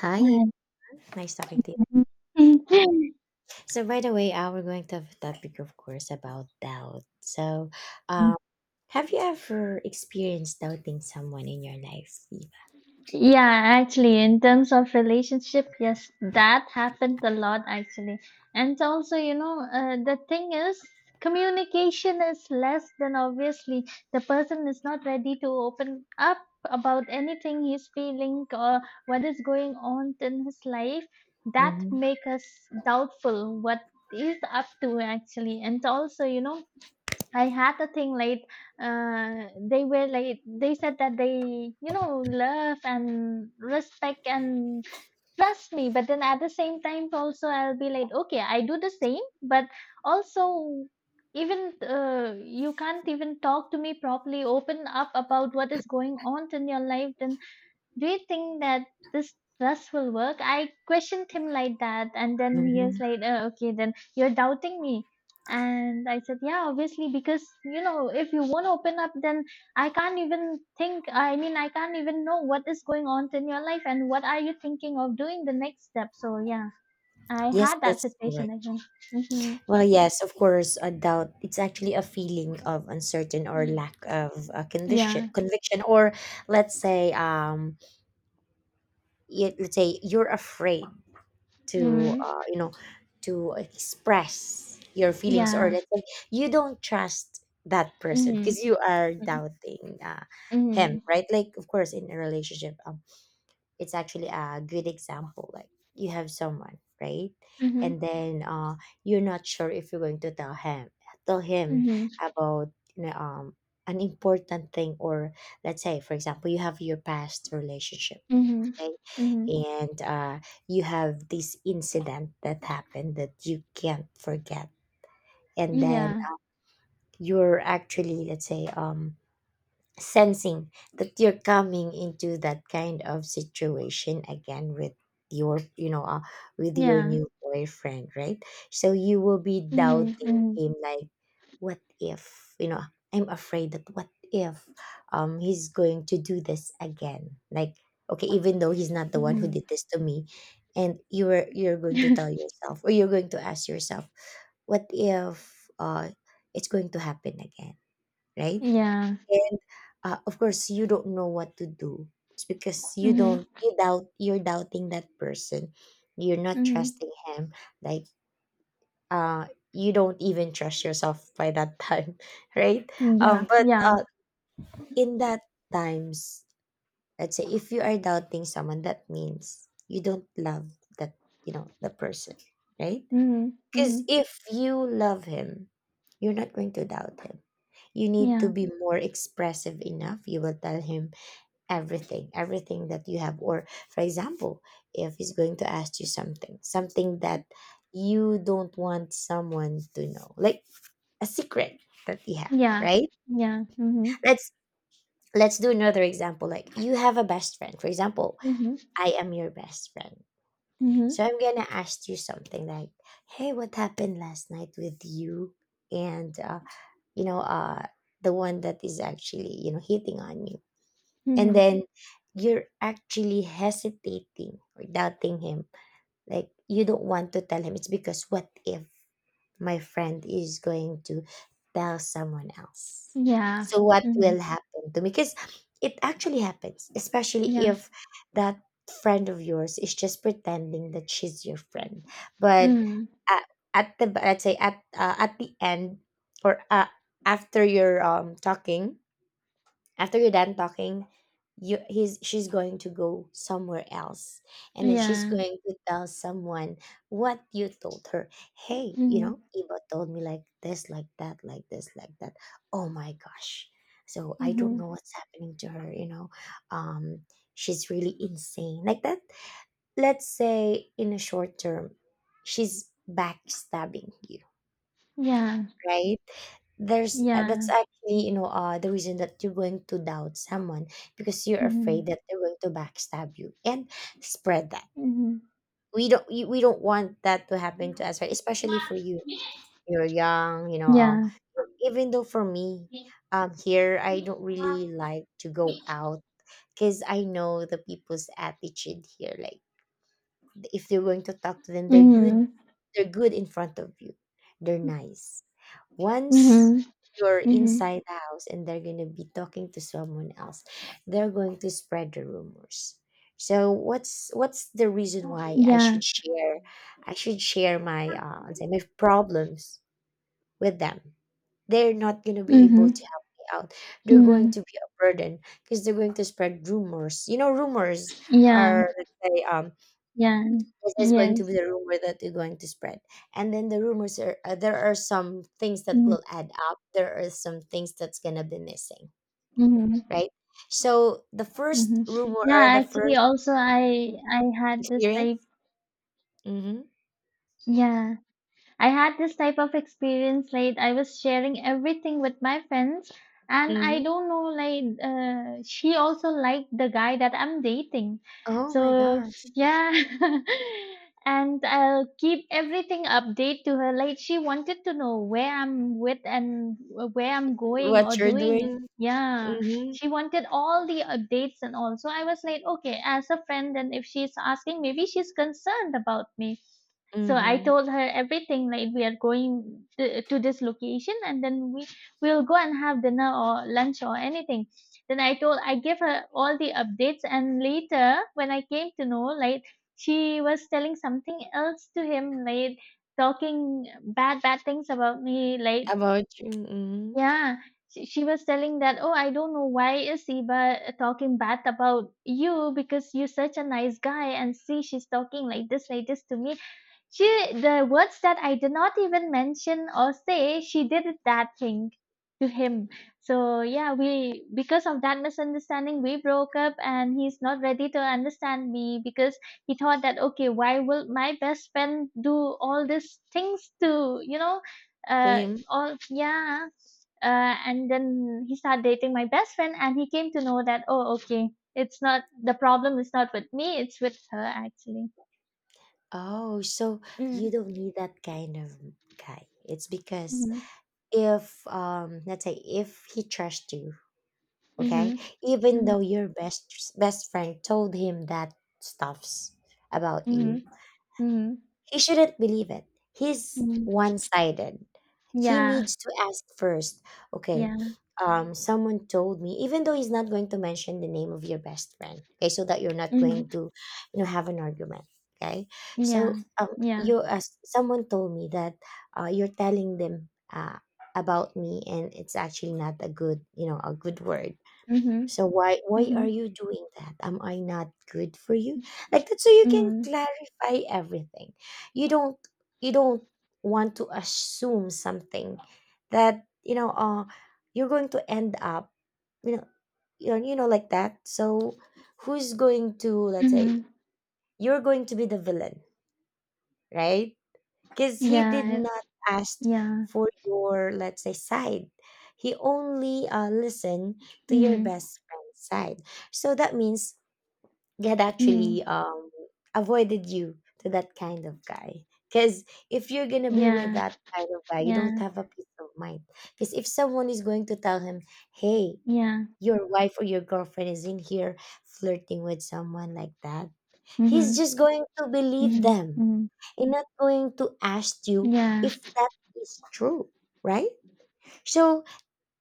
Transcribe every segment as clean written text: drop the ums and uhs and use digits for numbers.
Hi, nice talking to you. So, by the way, we're going to have a topic, of course, about doubt. So, um, have you ever experienced doubting someone in your life, Eva? Yeah, actually, in terms of relationship, yes, that happened a lot actually. And also, the thing is, communication is less than obviously the person is not ready to open up about anything he's feeling or what is going on in his life. That Mm-hmm, make us doubtful what he's up to actually. And also, I had a thing late. They were late. They said that they love and respect and trust me. But then at the same time, also, I'll be like, okay, I do the same. But also, even you can't even talk to me properly, open up about what is going on in your life. Then do you think that this trust will work? I questioned him like that, and then he mm-hmm. is like, oh, okay, then you're doubting me. And I said, yeah, obviously, because if you won't open up, then I can't even think. I mean, I can't even know what is going on in your life and what are you thinking of doing the next step. So yeah, I Yes, had that that's situation correct. again. Think. Hmm. Well, yes, of course, a doubt. It's actually a feeling of uncertain or Mm. lack of conviction, Yeah. conviction, or let's say, let's say you're afraid to Mm-hmm. To express your feelings, or Yeah. let's say you don't trust that person Mm-hmm. because you are doubting him, Mm-hmm. right? Like, of course, in a relationship, it's actually a good example. Like, you have someone, right? Mm-hmm. And then you're not sure if you're going to tell him Mm-hmm. about, you know, um, an important thing, or let's say, for example, you have your past relationship, Mm-hmm. okay, Mm-hmm. and you have this incident that happened that you can't forget, and then Yeah. you're actually, let's say, sensing that you're coming into that kind of situation again with your, with your Yeah. new boyfriend, right? So you will be Mhm. doubting Mhm. him, like, what if, you know, I'm afraid that what if, he's going to do this again. Like, okay, even though he's not the one who Mhm. did this to me, and you're going to tell yourself, or you're going to ask yourself, what if it's going to happen again, right? Yeah. And, of course, you don't know what to do. It's because you Mhm. don't, you're doubting that person, you're not Mhm. trusting him. Like, uh you don't even trust yourself by that time right? um Yeah. but Yeah. uh in that times, let's say if you are doubting someone, that means you don't love that, you know, the person, right? Mhm. Because Mhm. if you love him, you're not going to doubt him. You need to Yeah. be more expressive enough. You will tell him everything, everything that you have. Or, for example, if he's going to ask you something, something that you don't want someone to know, like a secret that you have, Yeah. right? Yeah. Mhm. let's let's do another example. Like, you have a best friend, for example. Mhm. I am your best friend, Mhm. so I'm gonna ask you something, like, hey, what happened last night with you and, you know uh the one that is actually, you know, hitting on you? And Mhm. then you're actually hesitating or doubting him, like you don't want to tell him. It's because, what if my friend is going to tell someone else? Yeah. So what will Mhm. happen to me? Because it actually happens, especially Yeah. if that friend of yours is just pretending that she's your friend. But Mhm. at, at the, let's say, at the end, or after you're done talking, you he's she's going to go somewhere else, and then she's Yeah. going to tell someone what you told her. Hey, you Mhm. know, Iba told me like this, like that, like this, like that. Oh my gosh, so I don't Mhm. know what's happening to her, you know. um she's really insane like that. Let's say, in a short term, she's backstabbing you, Yeah. right? There's, that's Yeah. actually, you know, the reason that you're going to doubt someone, because you're afraid Mhm. that they're going to backstab you and spread that. Mhm. We don't, we don't want that to happen to us, right? Especially for you, you're young, you know. Yeah. Even though for me, here I don't really like to go out, because I know the people's attitude here. Like, if they're going to talk to them, they're good, Mhm. they're good in front of you. They're nice. Once Mhm. you're Mhm. inside the house and they're going to be talking to someone else, they're going to spread the rumors. So what's the reason why Yeah. I should share my, let's say, my problems with them? They're not going to be able to Mhm. help me out. They're going to Mhm. be a burden because they're going to spread rumors. You know, rumors Yeah. are, let's say, Yeah. this is going to Yes. be the rumor that you're going to spread. And then the rumors are, there are some things that Mhm. will add up, there are some things that's going to be missing, Mhm. right? So the first Mhm. rumor, or Yeah, the actually first also I had this experience. type. Mm-hmm, Yeah. I had this type of experience like I was sharing everything with my friends, and I mm-hmm. don't know, like she also liked the guy that I'm dating. Oh my So gosh. yeah. And I'll keep everything update to her, like she wanted to know where I'm with and where I'm going What or you're doing. doing. Yeah. Mm-hmm, She wanted all the updates and all. So I was like, okay, as a friend, and if she's asking, maybe she's concerned about me. So I mm-hmm. told her everything, like we are going to this location and then we will go and have dinner or lunch or anything. Then I gave her all the updates, and later when I came to know, like she was telling something else to him, like talking bad things about me, like, About you. Mm-hmm. yeah. She was telling that oh, I don't know why is Siba talking bad about you, because you're such a nice guy, and see, she's talking like this, like this to me. she, the words that I did not even mention or say, she did it, that thing to him. So yeah, we because of that misunderstanding, we broke up, and he's not ready to understand me because he thought that, okay, why will my best friend do all these things to To uh, him. all. Yeah. And then he started dating my best friend, and he came to know that oh, okay, it's not the problem is not with me, it's with her actually. Oh, so you Mm. don't need that kind of guy. It's because, Mhm. if, let's say, if he trashed you, okay, Mhm. even Mhm, though your best friend told him that stuffs about you, mhm, mhm, he shouldn't believe it. He's mhm. one-sided. He Yeah, needs to ask first, okay? yeah. Someone told me, even though he's not going to mention the name of your best friend, okay, so that you're not Mhm. going to, you know, have an argument, okay? So Yeah. Yeah. you, as someone told me that, you're telling them, about me, and it's actually not a good, you know, a good word. Mhm. So why are Mhm. you doing that? Am I not good for you? Like that. So you can Mhm. clarify everything. You don't, you don't want to assume something that, you know, you're going to end up, you know you know, like that. So who's going to, let's say, Mhm. you're going to be the villain, right? Cuz he did Yeah. not ask Yeah. for your, let's say, side. He only listened to your Mhm. best friend's side. So that means he had actually Mhm. Avoided you to that kind of guy. Because if you're gonna be with Yeah. that kind of guy, you Yeah. don't have a peace of mind. Because if someone is going to tell him, hey, Yeah. your wife or your girlfriend is in here flirting with someone, like that, he's Mhm. just going to believe Mhm. them Mhm. and not going to ask you Yeah. if that is true, right? So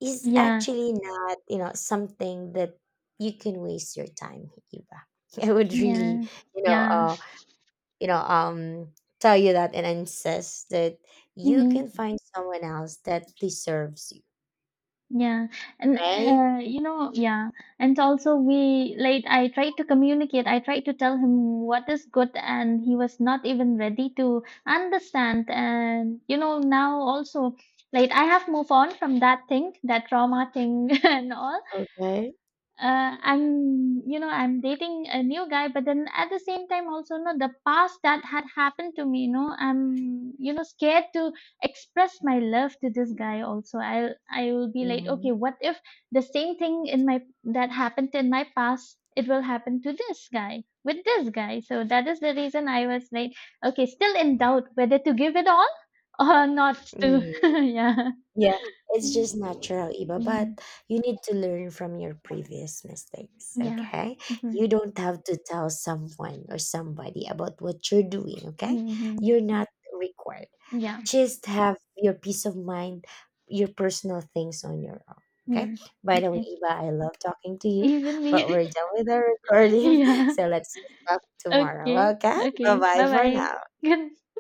is Yeah. actually not, you know, something that you can waste your time, Iba. I would really, Yeah. you know, Yeah. Yeah. You know um tell you that, and insist that you can Mhm. find someone else that deserves you, Yeah, and right? Yeah, and also we like I tried to communicate. I tried to tell him what is good, and he was not even ready to understand. And now also, like I have moved on from that thing, that trauma thing, and all. Okay. I'm dating a new guy, but then at the same time also, no, the past that had happened to me, I'm, scared to express my love to this guy also. Will I will be like, Hmm. okay, what if the same thing in my that happened in my past, it will happen to this guy with this guy. So that is the reason I was like, okay, still in doubt whether to give it all or not to. Yeah. Yeah, it's just natural, Iba, but Mhm. you need to learn from your previous mistakes, Yeah. okay? Hmm. You don't have to tell someone or somebody about what you're doing, okay? Hmm. You're not required. Just have your peace of mind, your personal things on your own, okay? Hmm. By the way, Okay. Iba, I love talking to you, Even but me. we're done with our recording, Yeah. so let's talk tomorrow, Okay. okay? Bye Okay. bye Bye for bye. now. Good